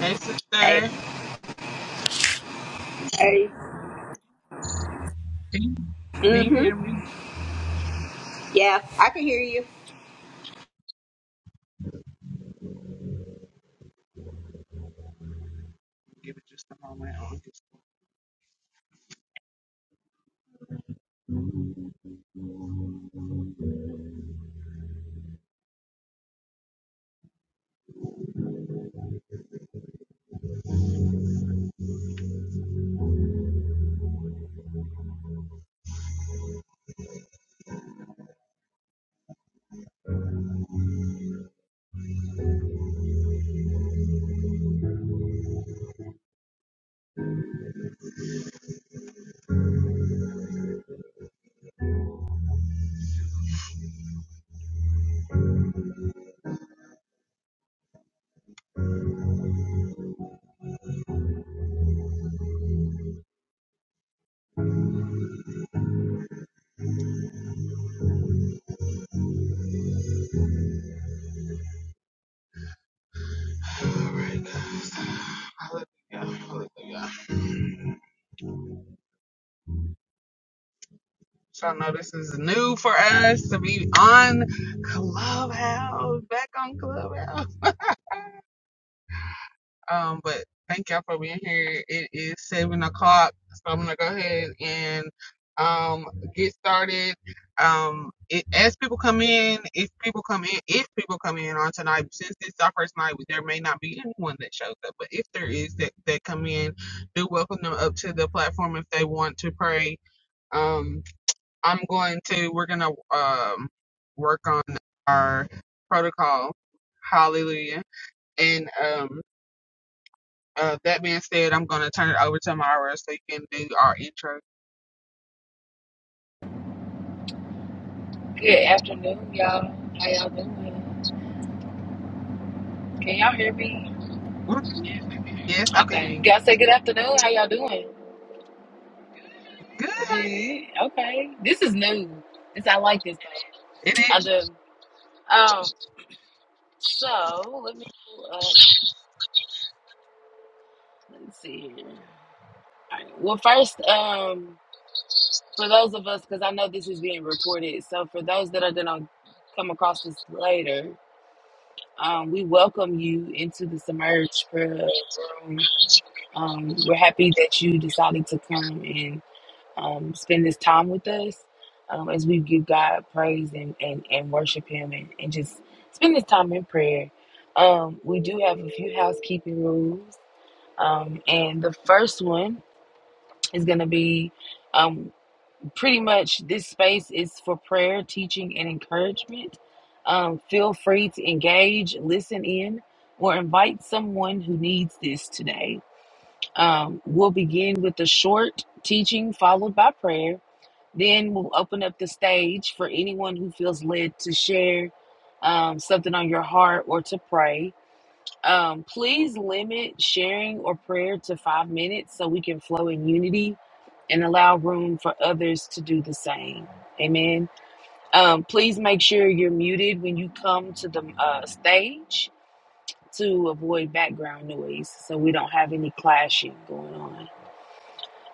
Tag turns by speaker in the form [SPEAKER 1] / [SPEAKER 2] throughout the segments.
[SPEAKER 1] Hey, sister.
[SPEAKER 2] Hey,
[SPEAKER 1] Can
[SPEAKER 2] hey.
[SPEAKER 1] you, can you hear
[SPEAKER 2] Mm-hmm.
[SPEAKER 1] me?
[SPEAKER 2] Yeah, I can hear you.
[SPEAKER 1] Give it just a moment. I'll just- All right, guys. Hallelujah. Hallelujah. So I know this is new for us to be on Clubhouse, back on Clubhouse. Um, but thank y'all for being here. It is seven o'clock, so I'm gonna go ahead and um get started. Um, it, as people come in, if people come in, if people come in on tonight, since this is our first night, there may not be anyone that shows up, but if there is that that come in, do welcome them up to the platform if they want to pray. Um, I'm going to we're gonna um work on our protocol. Hallelujah. And um uh, that being said, I'm gonna turn it over to Myra so you can do our intro.
[SPEAKER 3] Good afternoon, y'all. How y'all doing? Can y'all hear me?
[SPEAKER 1] Yes, I can hear
[SPEAKER 3] Okay.
[SPEAKER 1] you.
[SPEAKER 3] Y'all say good afternoon. How y'all doing?
[SPEAKER 1] Good. How are you?
[SPEAKER 3] Good. Okay. This is new. This I like this.
[SPEAKER 1] It
[SPEAKER 3] I do. Um. So let me pull up. Let's see here. All right. Well, first, um, for those of us, because I know this is being recorded, so for those that are gonna come across this later, um, we welcome you into the submerge prayer room. Um, we're happy that you decided to come and um, spend this time with us um, as we give God praise and, and, and worship Him and, and just spend this time in prayer. Um, we do have a few housekeeping rules. Um, and the first one is going to be um, pretty much this space is for prayer, teaching, and encouragement. Um, feel free to engage, listen in, or invite someone who needs this today. Um, we'll begin with a short teaching followed by prayer then we'll open up the stage for anyone who feels led to share um, something on your heart or to pray. Um, please limit sharing or prayer to five minutes so we can flow in unity and allow room for others to do the same. Amen. Um, please make sure you're muted when you come to the uh, stage to avoid background noise so we don't have any clashing going on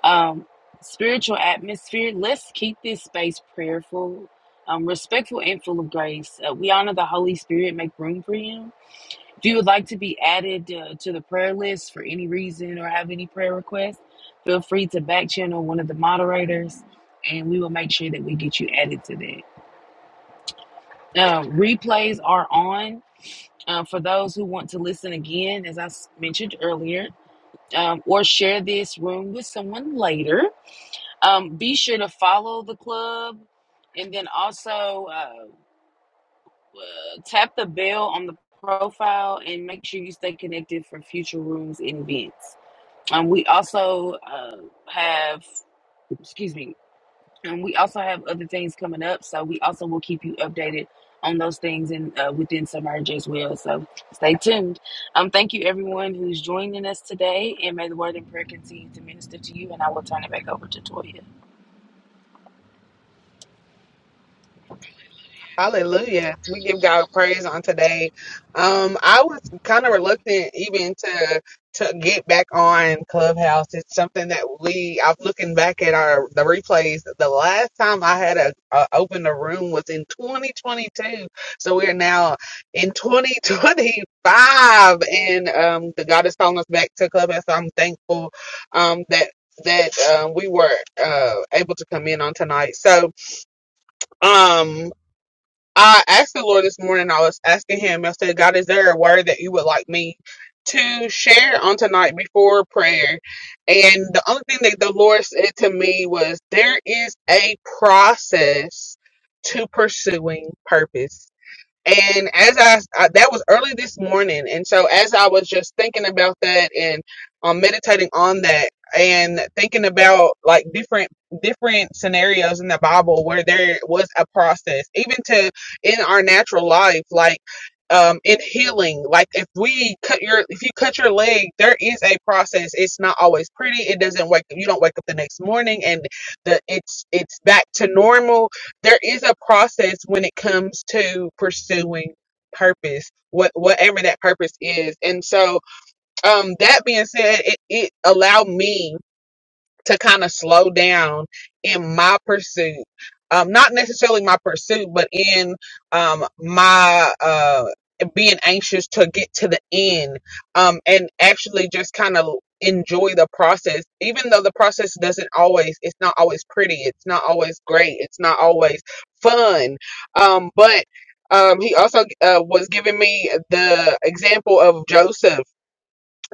[SPEAKER 3] um, spiritual atmosphere. Let's keep this space prayerful, um, respectful, and full of grace. Uh, we honor the Holy Spirit, make room for Him. If you would like to be added uh, to the prayer list for any reason or have any prayer requests, feel free to back channel one of the moderators and we will make sure that we get you added to that. Uh, replays are on uh, for those who want to listen again, as I s- mentioned earlier, um, or share this room with someone later. Um, be sure to follow the club and then also uh, uh, tap the bell on the profile and make sure you stay connected for future rooms and events. Um, we also uh, have, excuse me, and we also have other things coming up. So we also will keep you updated on those things and uh, within Submerge as well. So stay tuned. Um, thank you everyone who's joining us today, and may the word and prayer continue to minister to you. And I will turn it back over to Toya.
[SPEAKER 1] Hallelujah. We give God praise on today. Um, I was kind of reluctant even to to get back on Clubhouse. It's something that we I'm looking back at our the replays. The last time I had a, a opened a room was in 2022. So we are now in 2025 and um the God is calling us back to Clubhouse. So I'm thankful um that that um, we were uh, able to come in on tonight. So, um, I asked the Lord this morning, I was asking him, I said, God, is there a word that you would like me to share on tonight before prayer? And the only thing that the Lord said to me was, there is a process to pursuing purpose and as I, I- that was early this morning, and so as I was just thinking about that and um, meditating on that, and thinking about like different different scenarios in the Bible where there was a process, even to in our natural life, like um, in healing, like if we cut your if you cut your leg, there is a process. It's not always pretty. It doesn't wake you don't wake up the next morning and the it's it's back to normal there is a process when it comes to pursuing purpose what whatever that purpose is and so um that being said it, it allowed me to kind of slow down in my pursuit um not necessarily my pursuit but in um my uh being anxious to get to the end um and actually just kind of enjoy the process even though the process doesn't always it's not always pretty it's not always great it's not always fun um but um, he also uh, was giving me the example of Joseph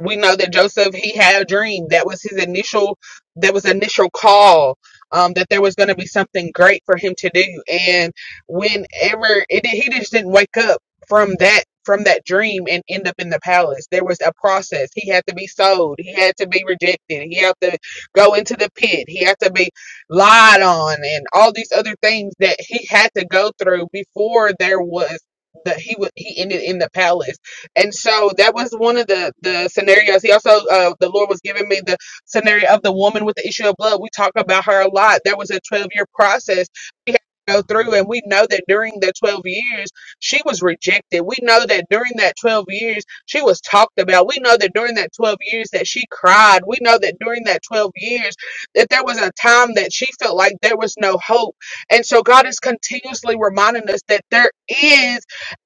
[SPEAKER 1] we know that Joseph he had a dream that was his initial that was initial call um that there was going to be something great for him to do and whenever it he just didn't wake up from that from that dream and end up in the palace there was a process he had to be sold he had to be rejected he had to go into the pit he had to be lied on and all these other things that he had to go through before there was that he was he ended in the palace and so that was one of the the scenarios. He also uh, the Lord was giving me the scenario of the woman with the issue of blood. We talk about her a lot. There was a 12 year process. We had to Go through, and we know that during that 12 years, she was rejected. We know that during that 12 years, she was talked about. We know that during that 12 years that she cried. We know that during that 12 years that there was a time that she felt like there was no hope. And so God is continuously reminding us that there is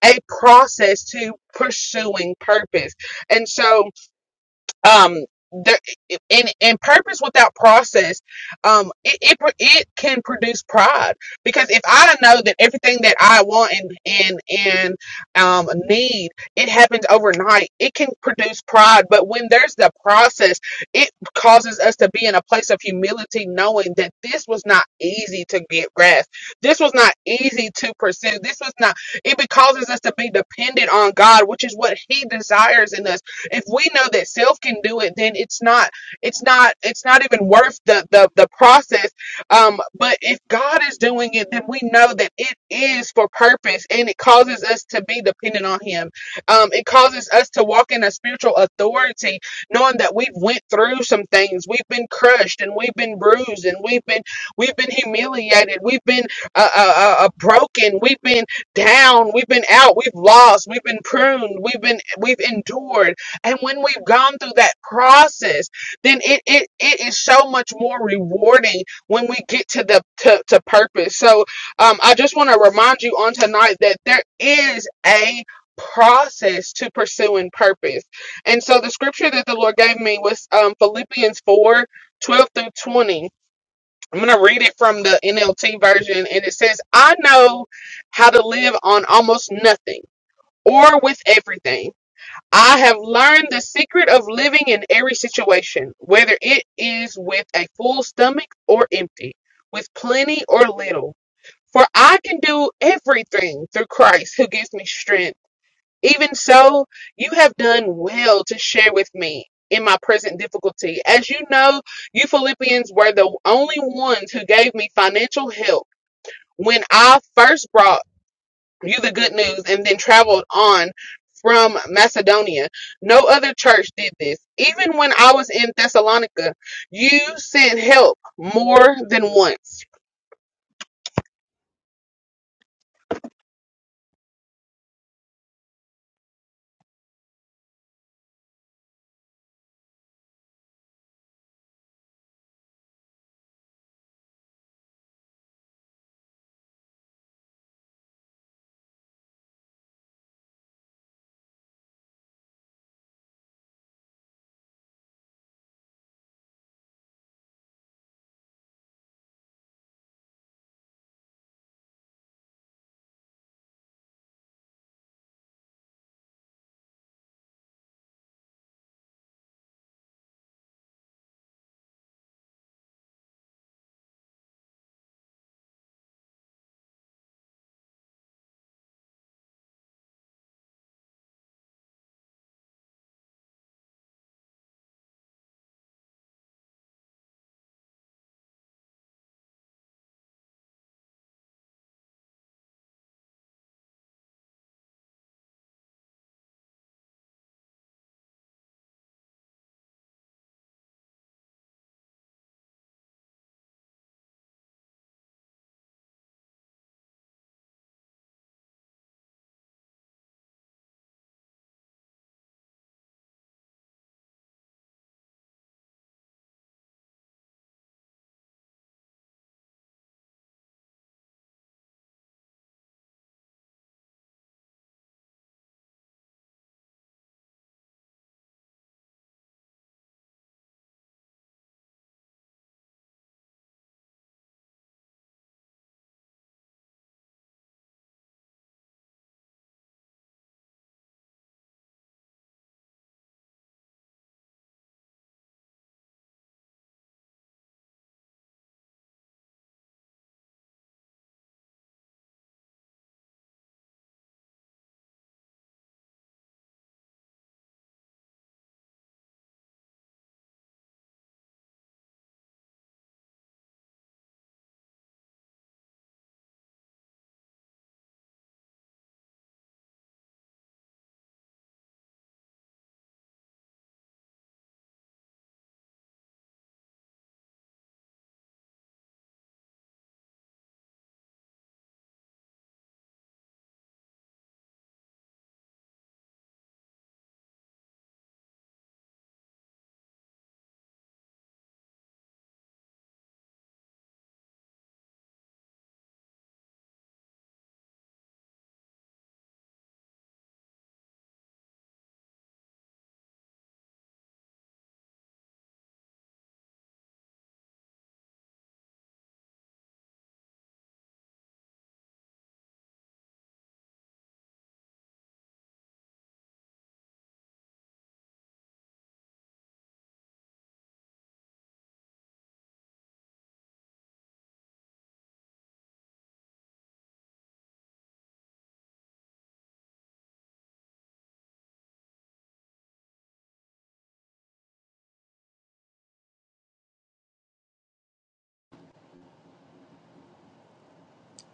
[SPEAKER 1] a process to pursuing purpose. And so um there in in purpose without process um it, it pr- it can produce pride because if i know that everything that i want and and and um need it happens overnight it can produce pride but when there's the process it causes us to be in a place of humility knowing that this was not easy to get grasp this was not easy to pursue this was not it be- causes us to be dependent on god which is what he desires in us if we know that self can do it, then it's not it's not it's not even worth the the, the process. Um, but if God is doing it, then we know that it is for purpose and it causes us to be dependent on him. Um, it causes us to walk in a spiritual authority, knowing that we've went through some things. We've been crushed and we've been bruised and we've been we've been humiliated. We've been uh, uh, uh, uh, broken. We've been down. We've been out. We've lost. We've been pruned. We've been we've endured and when we've gone through that process, then it, it, it is so much more rewarding when we get to the to, to purpose. So um, I just want to remind you on tonight that there is a process to pursuing purpose. And so the scripture that the Lord gave me was um, Philippians 4 12 through 20. I'm going to read it from the NLT version, and it says, I know how to live on almost nothing or with everything. I have learned the secret of living in every situation, whether it is with a full stomach or empty, with plenty or little. For I can do everything through Christ who gives me strength. Even so, you have done well to share with me in my present difficulty. As you know, you Philippians were the only ones who gave me financial help when I first brought you the good news and then traveled on from Macedonia. No other church did this. Even when I was in Thessalonica, you sent help more than once.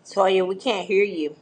[SPEAKER 2] Toya, we can't hear you.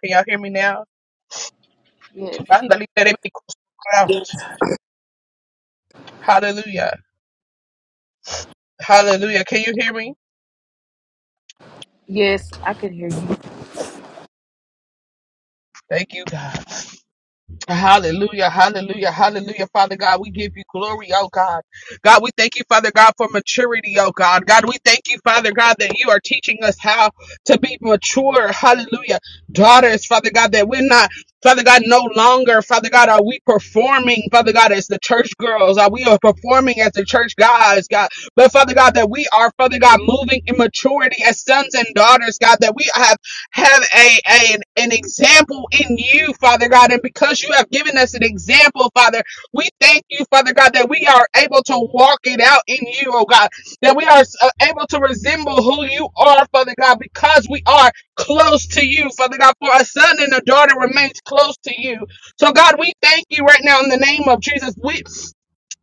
[SPEAKER 1] Can y'all hear me now?
[SPEAKER 3] Yes.
[SPEAKER 2] Yeah.
[SPEAKER 1] Hallelujah. Hallelujah. Can you hear me?
[SPEAKER 3] Yes, I can hear you.
[SPEAKER 1] Thank you, God. Hallelujah, hallelujah, hallelujah. Father God, we give you glory, oh God. God, we thank you, Father God, for maturity, oh God. God, we thank you, Father God, that you are teaching us how to be mature, hallelujah. Daughters, Father God, that we're not, Father God, no longer, Father God, are we performing, Father God, as the church girls? Are we are performing as the church guys, God? But Father God, that we are, Father God, moving in maturity as sons and daughters, God, that we have have a, a- an, an example in you, Father God. And because you have given us an example, Father, we thank you, Father God, that we are able to walk it out in you, oh God, that we are uh, able to resemble who you are, Father God, because we are close to you, Father God. For a son and a daughter remains close to you. So, God, we thank you right now in the name of Jesus. We.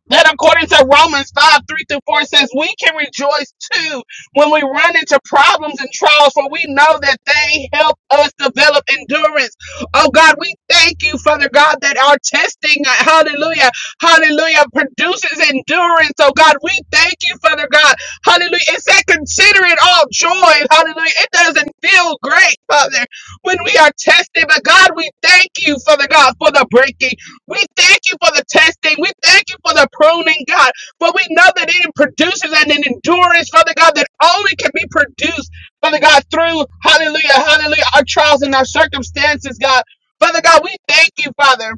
[SPEAKER 1] That according to Romans 5, 3 through 4 says, we can rejoice too when we run into problems and trials, for we know that they help us develop endurance. Oh God, we thank you, Father God, that our testing, uh, hallelujah, hallelujah, produces endurance. Oh God, we thank you, Father God, hallelujah. It that consider it all joy, hallelujah. It doesn't feel great, Father, when we are tested, but God, we thank you, Father God, for the breaking. We thank you for the testing. We thank you for the pruning, God. For we know that it produces an endurance, Father God, that only can be produced, Father God, through, hallelujah, hallelujah, our trials and our circumstances, God. Father God, we thank you, Father.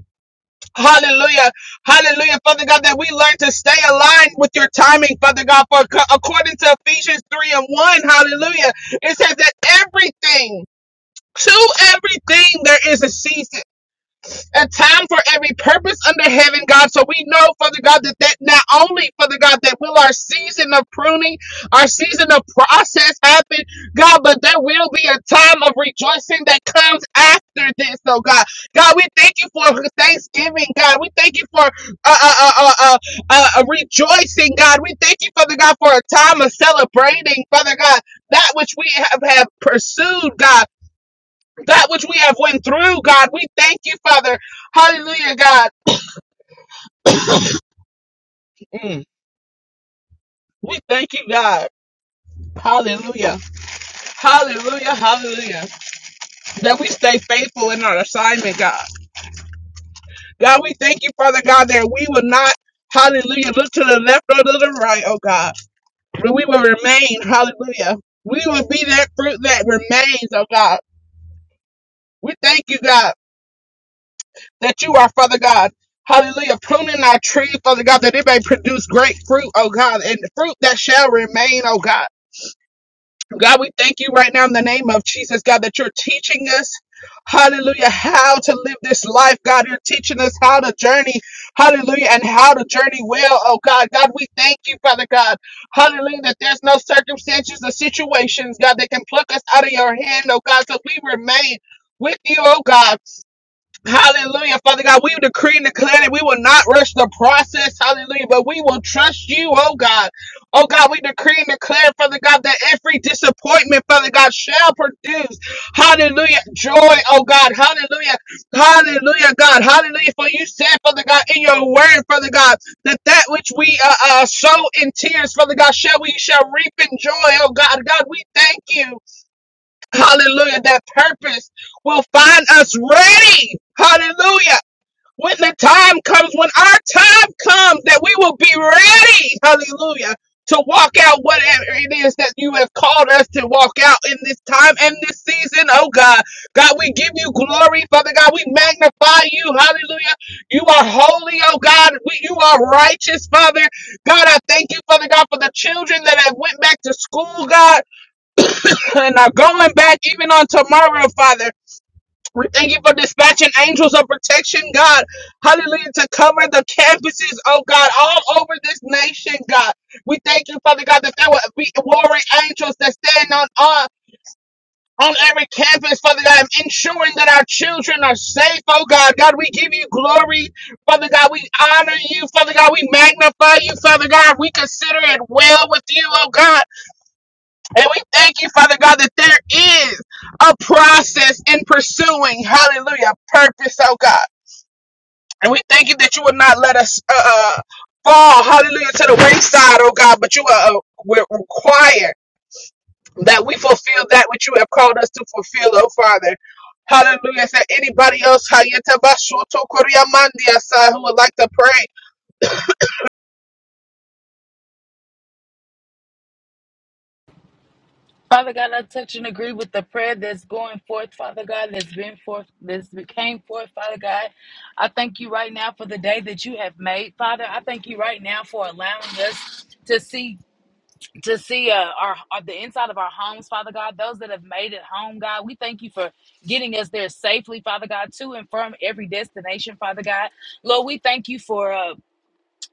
[SPEAKER 1] Hallelujah. Hallelujah. Father God, that we learn to stay aligned with your timing, Father God, for according to Ephesians 3 and 1, hallelujah, it says that everything, to everything, there is a season a time for every purpose under heaven, God. So we know, Father God, that that not only, Father God, that will our season of pruning, our season of process happen, God, but there will be a time of rejoicing that comes after this, oh God. God, we thank you for Thanksgiving, God. We thank you for uh, uh, uh, uh, uh, uh, uh, rejoicing, God. We thank you, Father God, for a time of celebrating, Father God, that which we have, have pursued, God that which we have went through, God. We thank you, Father. Hallelujah, God. Mm. We thank you, God. Hallelujah. Hallelujah. Hallelujah. That we stay faithful in our assignment, God. God, we thank you, Father God, that we will not, hallelujah, look to the left or to the right, oh God. But we will remain, hallelujah. We will be that fruit that remains, oh God. We thank you, God. that you are, Father God. Hallelujah. Pruning our tree, Father God, that it may produce great fruit, oh God, and fruit that shall remain, oh God. God, we thank you right now in the name of Jesus, God, that you're teaching us, hallelujah, how to live this life. God, you're teaching us how to journey, hallelujah, and how to journey well, oh God. God, we thank you, Father God, hallelujah, that there's no circumstances or situations, God, that can pluck us out of your hand, oh God, so we remain with you, oh God. Hallelujah, Father God. We decree and declare that we will not rush the process. Hallelujah. But we will trust you, oh God. Oh God, we decree and declare, Father God, that every disappointment, Father God, shall produce. Hallelujah. Joy, oh God. Hallelujah. Hallelujah, God. Hallelujah. For you said, Father God, in your word, Father God, that that which we uh, uh, sow in tears, Father God, shall we shall reap in joy, oh God. God, we thank you. Hallelujah. That purpose will find us ready. Hallelujah. When the time comes, when our time comes, that we will be ready. Hallelujah. To walk out whatever it is that you have called us to walk out in this time and this season. Oh God. God, we give you glory, Father God. We magnify you. Hallelujah. You are holy, oh God. We, you are righteous, Father. God, I thank you, Father God, for the children that have went back to school, God. And now going back even on tomorrow, Father, we thank you for dispatching angels of protection, God. Hallelujah, to cover the campuses, oh God, all over this nation, God. We thank you, Father God, that there will be warring angels that stand on uh, on every campus, Father God, ensuring that our children are safe, oh God. God, we give you glory, Father God. We honor you, Father God. We magnify you, Father God. We consider it well with you, oh God. And we thank you, Father God, that there is a process in pursuing, hallelujah, purpose, oh God. And we thank you that you will not let us uh, uh, fall, hallelujah, to the wayside, oh God, but you are uh, we're required that we fulfill that which you have called us to fulfill, oh Father. Hallelujah. Is there anybody else Hayatabashoto who would like to pray?
[SPEAKER 3] Father God, I touch and agree with the prayer that's going forth, Father God, that's been forth, that's came forth, Father God. I thank you right now for the day that you have made, Father. I thank you right now for allowing us to see to see uh, our, our the inside of our homes, Father God. Those that have made it home, God, we thank you for getting us there safely, Father God, to and from every destination, Father God. Lord, we thank you for. Uh,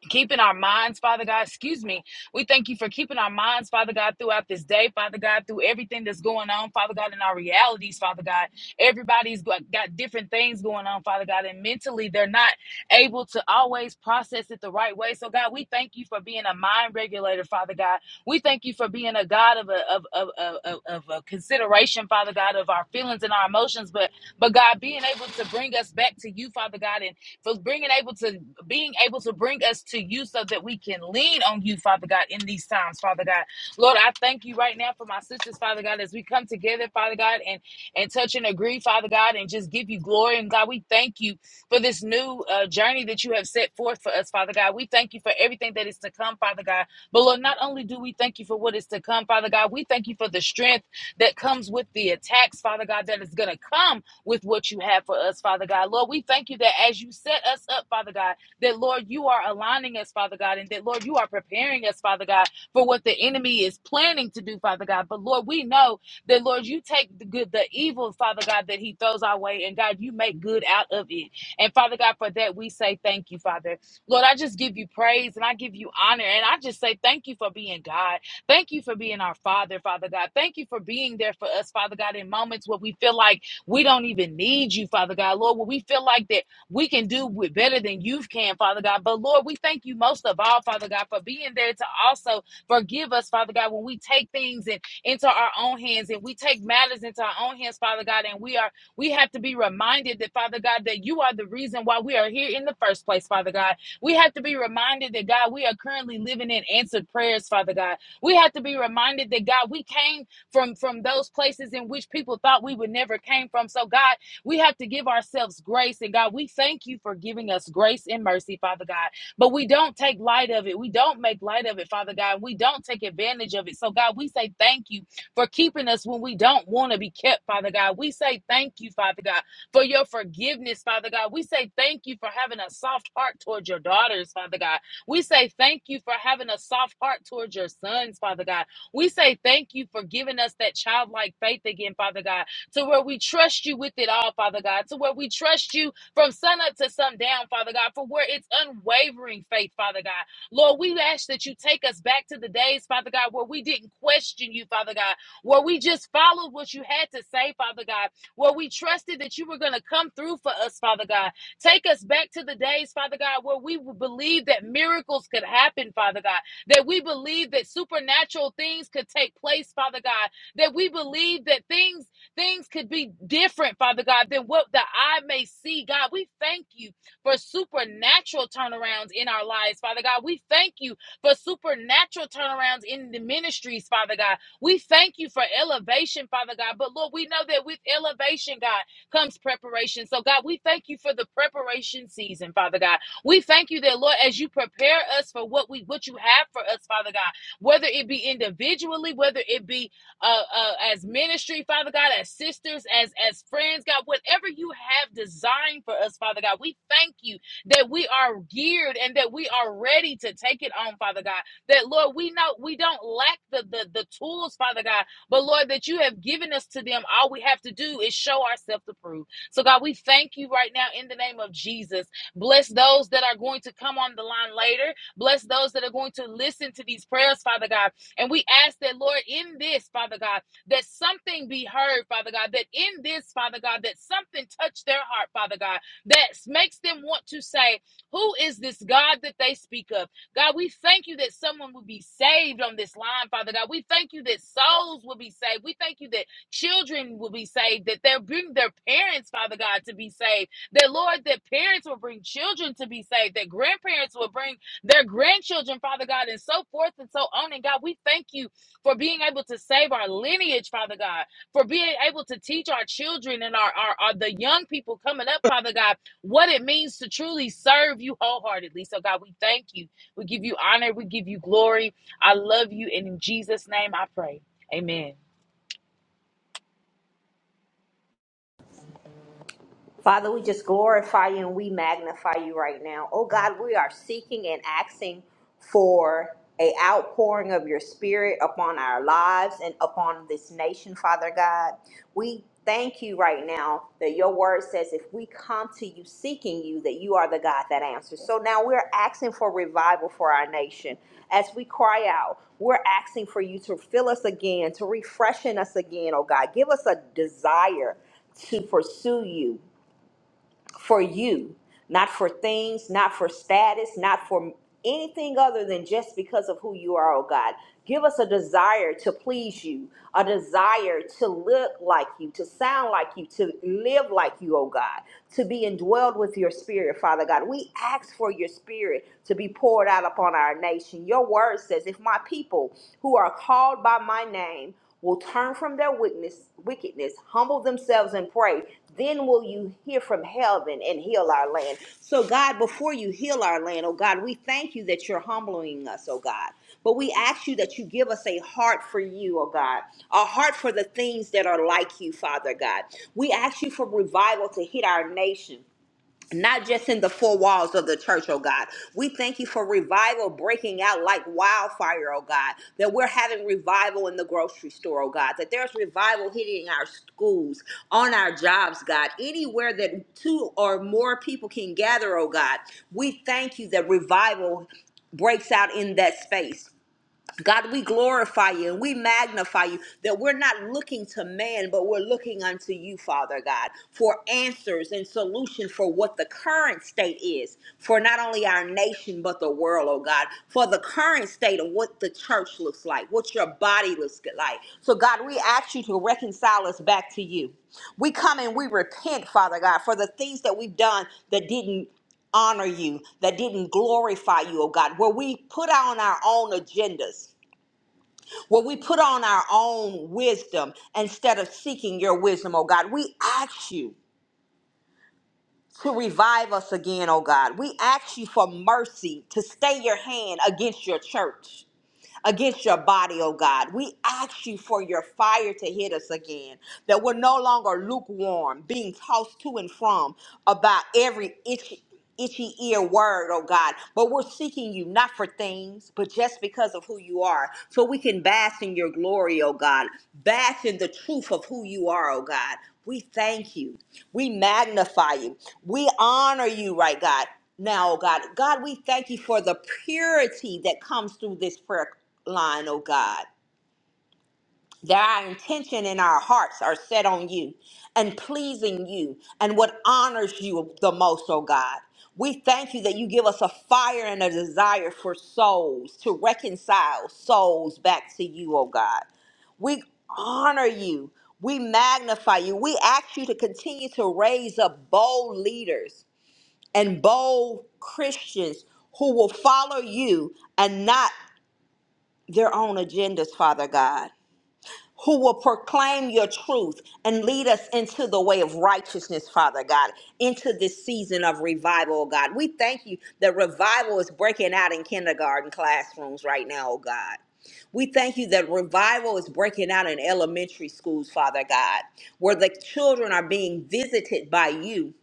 [SPEAKER 3] keeping our minds, Father God. Excuse me. We thank you for keeping our minds, Father God, throughout this day, Father God, through everything that's going on, Father God, in our realities, Father God. Everybody's got, got different things going on, Father God, and mentally they're not able to always process it the right way. So, God, we thank you for being a mind regulator, Father God. We thank you for being a God of a of of of, of, of a consideration, Father God, of our feelings and our emotions, but but God, being able to bring us back to you, Father God, and for being able to being able to bring us to you so that we can lean on you, Father God, in these times, Father God. Lord, I thank you right now for my sisters, Father God, as we come together, Father God, and and touch and agree, Father God, and just give you glory. And God, we thank you for this new uh, journey that you have set forth for us, Father God. We thank you for everything that is to come, Father God. But Lord, not only do we thank you for what is to come, Father God, we thank you for the strength that comes with the attacks, Father God, that is going to come with what you have for us, Father God. Lord, we thank you that as you set us up, Father God that, Lord, you are aligning us, Father God, and that, Lord, you are preparing us, Father God, for what the enemy is planning to do, Father God. But, Lord, we know that, Lord, you take the good, the evil, Father God, that he throws our way, and God, you make good out of it. And, Father God, for that, we say thank you, Father. Lord, I just give you praise and I give you honor, and I just say thank you for being God. Thank you for being our Father, Father God. Thank you for being there for us, Father God, in moments where we feel like we don't even need you, Father God. Lord, when we feel like that we can do with better than you can, Father God. But Lord, we thank you most of all, Father God, for being there to also forgive us, Father God, when we take things and into our own hands and we take matters into our own hands, Father God, and we are we have to be reminded that, Father God, that you are the reason why we are here in the first place, Father God. We have to be reminded that, God, we are currently living in answered prayers, Father God. We have to be reminded that, God, we came from from those places in which people thought we would never came from. So, God, we have to give ourselves grace. And God, we thank you for giving us grace and mercy, Father God. But we don't take light of it. We don't make light of it, Father God. We don't take advantage of it. So, God, we say thank you for keeping us when we don't want to be kept, Father God. We say thank you, Father God, for your forgiveness, Father God. We say thank you for having a soft heart towards your daughters, Father God. We say thank you for having a soft heart towards your sons, Father God. We say thank you for giving us that childlike faith again, Father God to where we trust you with it all, Father God, to where we trust you from sunup to sundown, Father God, for where it's unwavering faith, Father God. Lord, we ask that you take us back to the days, Father God, where we didn't question you, Father God, where we just followed what you had to say, Father God, where we trusted that you were going to come through for us, Father God. Take us back to the days, Father God, where we believed that miracles could happen, Father God, that we believed that supernatural things could take place, Father God, that we believed that things Things could be different, Father God, than what the eye may see. God, we thank you for supernatural turnarounds in our lives, Father God. We thank you for supernatural turnarounds in the ministries, Father God. We thank you for elevation, Father God. But Lord, we know that with elevation, God, comes preparation. So, God, we thank you for the preparation season, Father God. We thank you that, Lord, as you prepare us for what we what you have for us, Father God, whether it be individually, whether it be uh, uh, as ministry, Father God, as sisters, as as friends, God, whatever you have designed for us, Father God, we thank you that we are geared and that we are ready to take it on, Father God. That Lord, we know we don't lack the the, the tools, Father God, but Lord, that you have given us to them. All we have to do is show ourselves approved. So God, we thank you right now in the name of Jesus. Bless those that are going to come on the line later. Bless those that are going to listen to these prayers, Father God. And we ask that, Lord, in this, Father God, that something be heard, Father God, that in this, Father God, that something touch their heart, Father God, that makes them want to say, Who is this God that they speak of? God, we thank you that someone will be saved on this line, Father God. We thank you that souls will be saved. We thank you that children will be saved, that they'll bring their parents, Father God, to be saved. That, Lord, that parents will bring children to be saved, that grandparents will bring their grandchildren, Father God, and so forth and so on. And God, we thank you for being able to save our lineage, Father God, for being able to teach our children and our, our, our the young people coming up, Father God, what it means to truly serve you wholeheartedly. So God, we thank you. We give you honor. We give you glory. I love you. And in Jesus' name I pray. Amen.
[SPEAKER 2] Father, we just glorify you and we magnify you right now. Oh God, we are seeking and asking for a outpouring of your spirit upon our lives and upon this nation, Father God. We thank you right now that your word says if we come to you seeking you that you are the God that answers. So now we're asking for revival for our nation. As we cry out, we're asking for you to fill us again, to refreshen us again, oh God. Give us a desire to pursue you for you, not for things, not for status, not for anything other than just because of who you are, oh God. Give us a desire to please you, a desire to look like you, to sound like you, to live like you, oh God, to be indwelled with your spirit, Father God. We ask for your spirit to be poured out upon our nation. Your word says, if my people who are called by my name, will turn from their wickedness, wickedness, humble themselves and pray, then will you hear from heaven and heal our land. So, God, before you heal our land, oh God, we thank you that you're humbling us, oh God. But we ask you that you give us a heart for you, oh God, a heart for the things that are like you, Father God. We ask you for revival to hit our nation not just in the four walls of the church, oh God. We thank you for revival breaking out like wildfire, oh God. That we're having revival in the grocery store, oh God. That there's revival hitting our schools, on our jobs, God. Anywhere that two or more people can gather, oh God. We thank you that revival breaks out in that space. God, we glorify you and we magnify you that we're not looking to man, but we're looking unto you, Father God, for answers and solution for what the current state is for not only our nation, but the world, oh God, for the current state of what the church looks like, what your body looks like. So, God, we ask you to reconcile us back to you. We come and we repent, Father God, for the things that we've done that didn't honor you, that didn't glorify you, oh God, where we put on our own agendas where we put on our own wisdom instead of seeking your wisdom, oh God. We ask you to revive us again, oh God. We ask you for mercy to stay your hand against your church against your body, oh God. We ask you for your fire to hit us again, that we're no longer lukewarm, being tossed to and from about every itchy. Itchy ear word, oh God, but we're seeking you not for things, but just because of who you are, so we can bask in your glory, oh God, bask in the truth of who you are, oh God. We thank you, we magnify you, we honor you, right, God now, oh God. God, we thank you for the purity that comes through this prayer line, O God. That our intention and our hearts are set on you and pleasing you and what honors you the most, O God. We thank you that you give us a fire and a desire for souls to reconcile souls back to you, O God. We honor you. We magnify you. We ask you to continue to raise up bold leaders and bold Christians who will follow you and not their own agendas, Father God. who will proclaim your truth and lead us into the way of righteousness, Father God, into this season of revival, oh God. We thank you that revival is breaking out in kindergarten classrooms right now, oh God. We thank you that revival is breaking out in elementary schools, Father God, where the children are being visited by you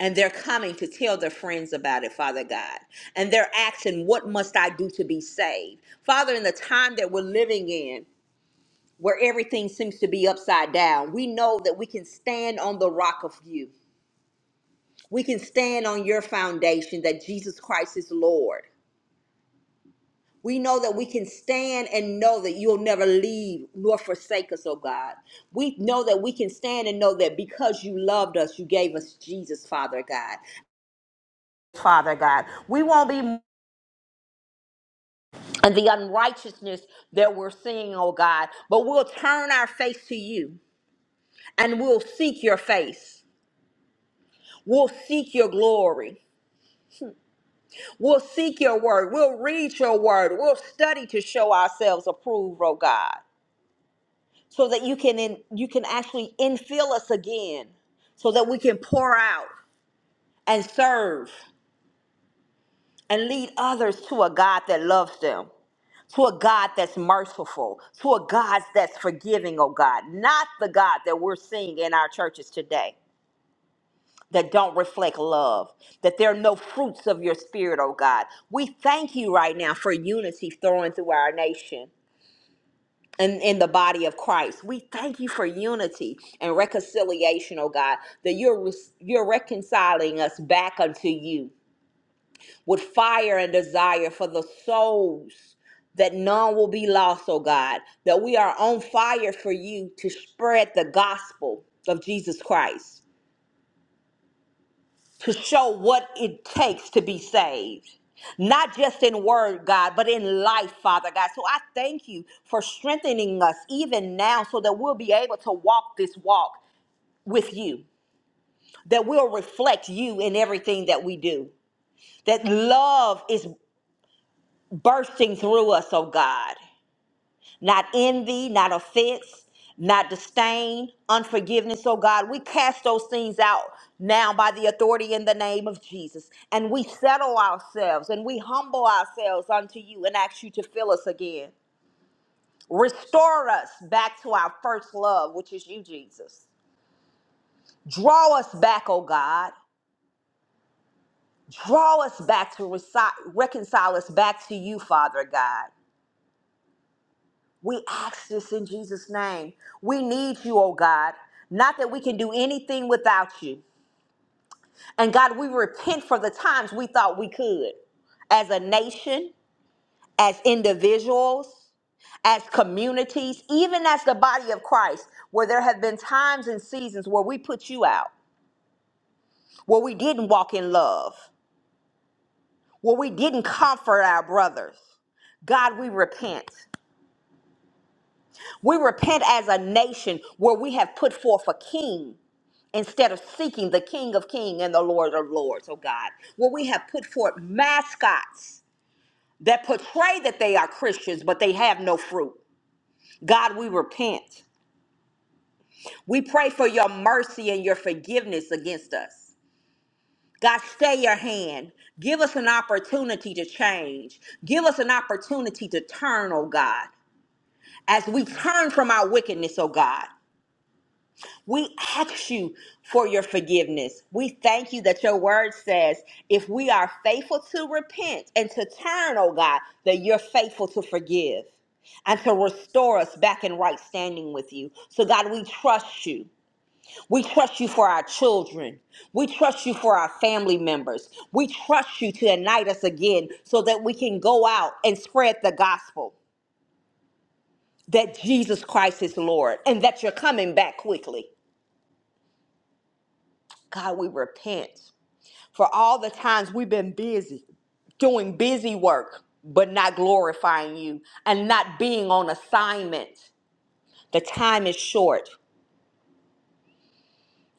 [SPEAKER 2] and they're coming to tell their friends about it, Father God. And they're asking, What must I do to be saved? Father, in the time that we're living in, where everything seems to be upside down, we know that we can stand on the rock of you. We can stand on your foundation that Jesus Christ is Lord. We know that we can stand and know that you'll never leave nor forsake us, oh God. We know that we can stand and know that because you loved us, you gave us Jesus, Father God. Father God, we won't be and the unrighteousness that we're seeing, oh God, but we'll turn our face to you and we'll seek your face. We'll seek your glory. We'll seek your word. We'll read your word. We'll study to show ourselves approved, oh God, so that you can in, you can actually infill us again, so that we can pour out and serve and lead others to a God that loves them, to a God that's merciful, to a God that's forgiving, oh God, not the God that we're seeing in our churches today. that don't reflect love, that there are no fruits of your spirit, oh God. We thank you right now for unity thrown through our nation. And in the body of Christ, we thank you for unity and reconciliation, oh God, that you're re- you're reconciling us back unto you with fire and desire for the souls that none will be lost, oh God, that we are on fire for you to spread the gospel of Jesus Christ. to show what it takes to be saved. Not just in word, God, but in life, Father God. So I thank you for strengthening us even now so that we'll be able to walk this walk with you, that we'll reflect you in everything that we do, that love is bursting through us, oh God. not envy, not offense, not disdain, unforgiveness. So, God, we cast those things out now by the authority in the name of Jesus. And we settle ourselves and we humble ourselves unto you and ask you to fill us again. Restore us back to our first love, which is you, Jesus. Draw us back, oh God. Draw us back to reci- reconcile us back to you, Father God. We ask this in Jesus' name. We need you, oh God. Not that we can do anything without you. And God, we repent for the times we thought we could as a nation, as individuals, as communities, even as the body of Christ, where there have been times and seasons where we put you out, where we didn't walk in love, where we didn't comfort our brothers. God, we repent. We repent as a nation where we have put forth a king instead of seeking the King of Kings and the Lord of Lords, oh God. Where we have put forth mascots that portray that they are Christians, but they have no fruit. God, we repent. We pray for your mercy and your forgiveness against us. God, stay your hand. Give us an opportunity to change. Give us an opportunity to turn, oh God, as we turn from our wickedness, oh God. We ask you for your forgiveness. We thank you that your word says if we are faithful to repent and to turn, oh God, that you're faithful to forgive and to restore us back in right standing with you. So, God, we trust you. We trust you for our children. We trust you for our family members. We trust you to unite us again so that we can go out and spread the gospel that Jesus Christ is Lord and that you're coming back quickly. God, we repent. for all the times we've been busy, doing busy work, but not glorifying you and not being on assignment. The time is short.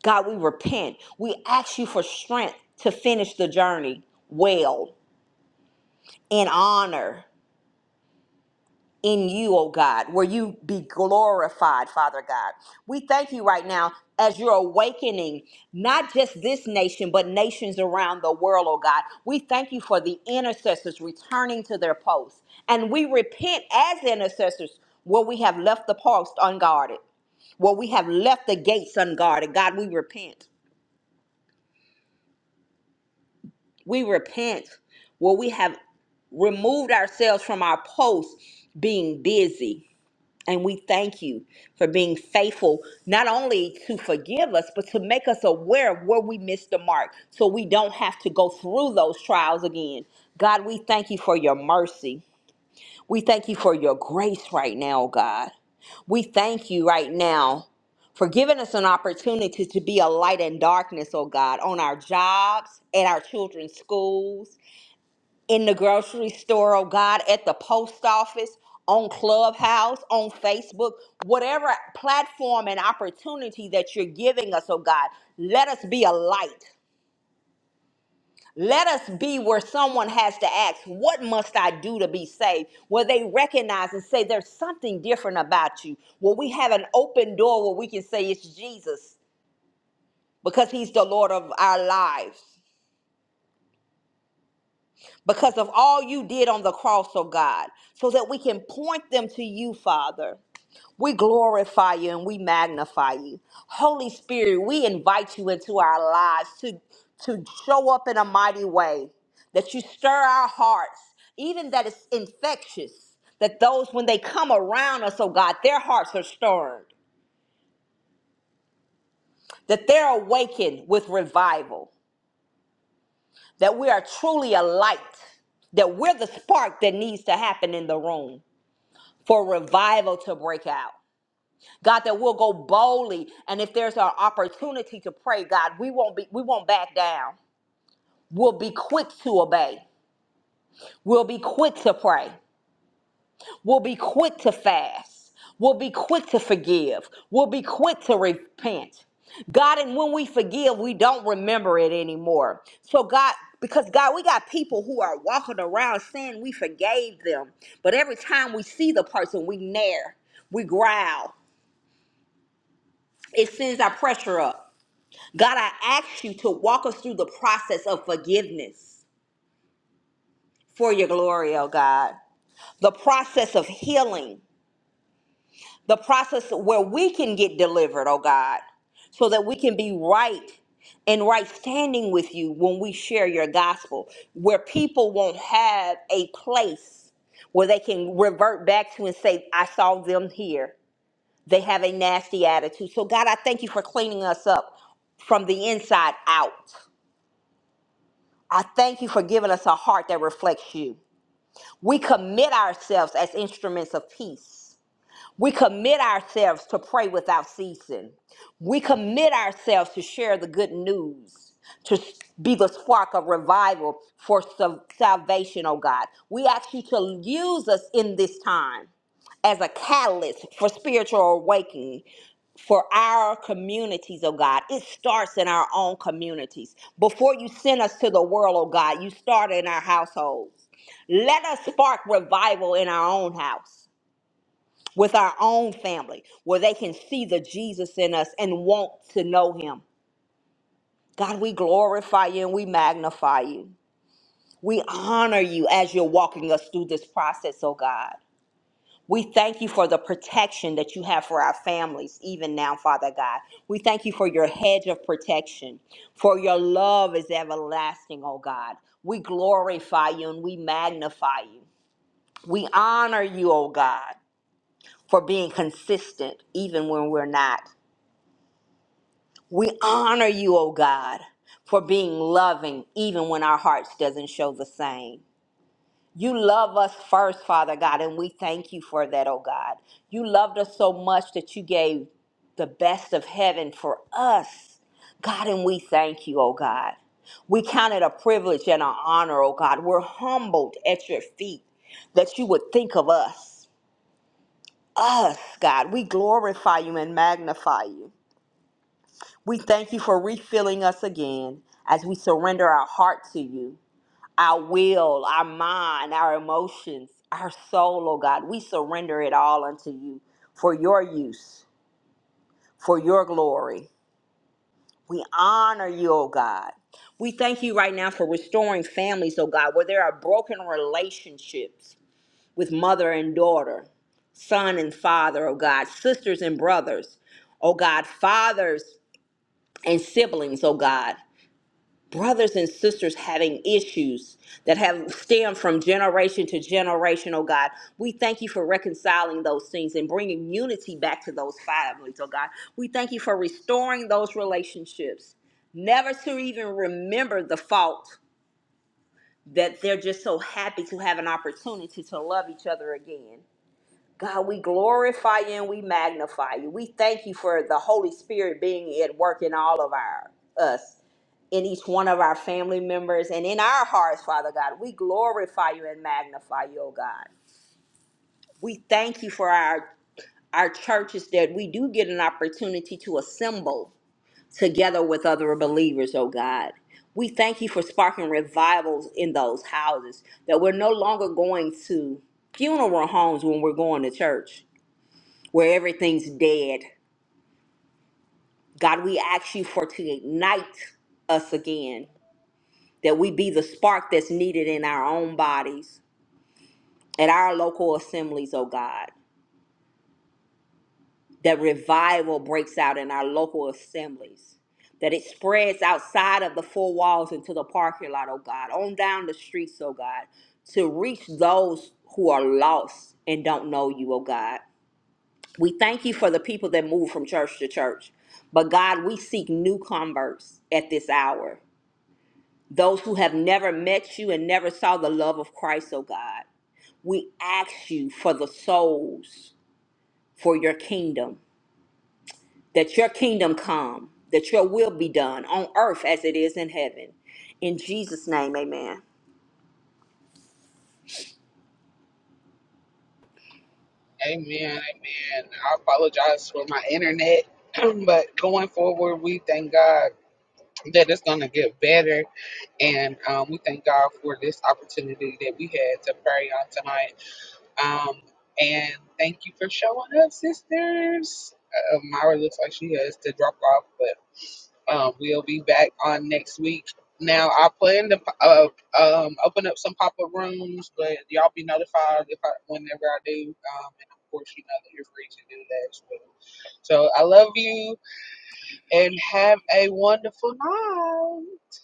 [SPEAKER 2] God, we repent. We ask you for strength to finish the journey well in honor. in you, oh God, where you be glorified, Father God. We thank you right now as you're awakening not just this nation, but nations around the world, oh God. We thank you for the intercessors returning to their posts. And we repent as intercessors where we have left the post unguarded, where we have left the gates unguarded. God, we repent. We repent where we have removed ourselves from our posts being busy And we thank you for being faithful, not only to forgive us, but to make us aware of where we missed the mark so we don't have to go through those trials again. God, we thank you for your mercy. We thank you for your grace right now, God. We thank you right now for giving us an opportunity to be a light in darkness, oh God, on our jobs, at our children's schools, in the grocery store, oh God, at the post office, on Clubhouse, on Facebook, whatever platform and opportunity that you're giving us, oh God, let us be a light. Let us be where someone has to ask, What must I do to be saved? Where they recognize and say, There's something different about you. Where we have an open door where we can say, It's Jesus because he's the Lord of our lives. because of all you did on the cross, oh God, so that we can point them to you, Father. We glorify you and we magnify you. Holy Spirit, we invite you into our lives to, to show up in a mighty way, that you stir our hearts, even that it's infectious, that those, when they come around us, oh God, their hearts are stirred, that they're awakened with revival, that we are truly a light that we're the spark that needs to happen in the room. for revival to break out. God, that we'll go boldly, and if there's an opportunity to pray, God, we won't be we won't back down. We'll be quick to obey. We'll be quick to pray. We'll be quick to fast. We'll be quick to forgive. We'll be quick to repent. God, and when we forgive, we don't remember it anymore. So, God, because God, we got people who are walking around saying we forgave them, but every time we see the person, we nair, we growl, It sends our pressure up. God, I ask you to walk us through the process of forgiveness for your glory, oh God. The process of healing, the process where we can get delivered, oh God, so that we can be right and right standing with you when we share your gospel, where people won't have a place where they can revert back to and say, I saw them here. They have a nasty attitude. So, God, I thank you for cleaning us up from the inside out. I thank you for giving us a heart that reflects you. We commit ourselves as instruments of peace. We commit ourselves to pray without ceasing. We commit ourselves to share the good news, to s- be the spark of revival for sal- salvation, oh God. We ask you to use us in this time as a catalyst for spiritual awakening for our communities, oh God. It starts in our own communities. Before you send us to the world, oh God, you start in our households. Let us spark revival in our own house with our own family where they can see the Jesus in us and want to know him. God, we glorify you and we magnify you. We honor you as you're walking us through this process, oh God. We thank you for the protection that you have for our families, even now, Father God. We thank you for your hedge of protection, for your love is everlasting, oh God. We glorify you and we magnify you. We honor you, oh God, for being consistent, even when we're not. We honor you, O God, for being loving even when our hearts doesn't show the same. You love us first, Father God, and we thank you for that, O God. You loved us so much that you gave the best of heaven for us. God, and we thank you, O God. We count it a privilege and an honor, O God. We're humbled at your feet that you would think of us. Us, God. We glorify you and magnify you. We thank you for refilling us again as we surrender our heart to you, our will, our mind, our emotions, our soul, oh God. We surrender it all unto you for your use, for your glory. We honor you, oh God. We thank you right now for restoring families, oh God, where there are broken relationships with mother and daughter, son and father, oh God, sisters and brothers, oh God, fathers and siblings, oh God. brothers and sisters having issues that have stemmed from generation to generation, oh God. We thank you for reconciling those things and bringing unity back to those families, oh God. We thank you for restoring those relationships, never to even remember the fault that they're just so happy to have an opportunity to love each other again. God, we glorify you and we magnify you. We thank you for the Holy Spirit being at work in all of our us, in each one of our family members, and in our hearts, Father God. We glorify you and magnify you, oh God. We thank you for our our churches that we do get an opportunity to assemble together with other believers, oh God. We thank you for sparking revivals in those houses, that we're no longer going to funeral homes when we're going to church where everything's dead. God, we ask you for to ignite us again, that we be the spark that's needed in our own bodies, at our local assemblies, oh God, that revival breaks out in our local assemblies, that it spreads outside of the four walls into the parking lot, oh God, on down the streets, oh God, to reach those who are lost and don't know you, oh God. We thank you for the people that move from church to church. But God, we seek new converts at this hour, those who have never met you and never saw the love of Christ, oh God. We ask you for the souls for your kingdom, that your kingdom come, that your will be done on earth as it is in heaven. In Jesus' name, amen.
[SPEAKER 1] Amen.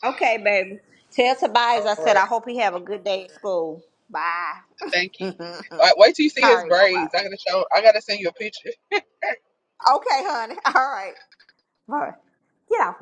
[SPEAKER 2] Okay, baby. Tell Tobias I said I hope he have a good day at school. Bye. All right, bye-bye. Okay, honey. All right. All right. Yeah,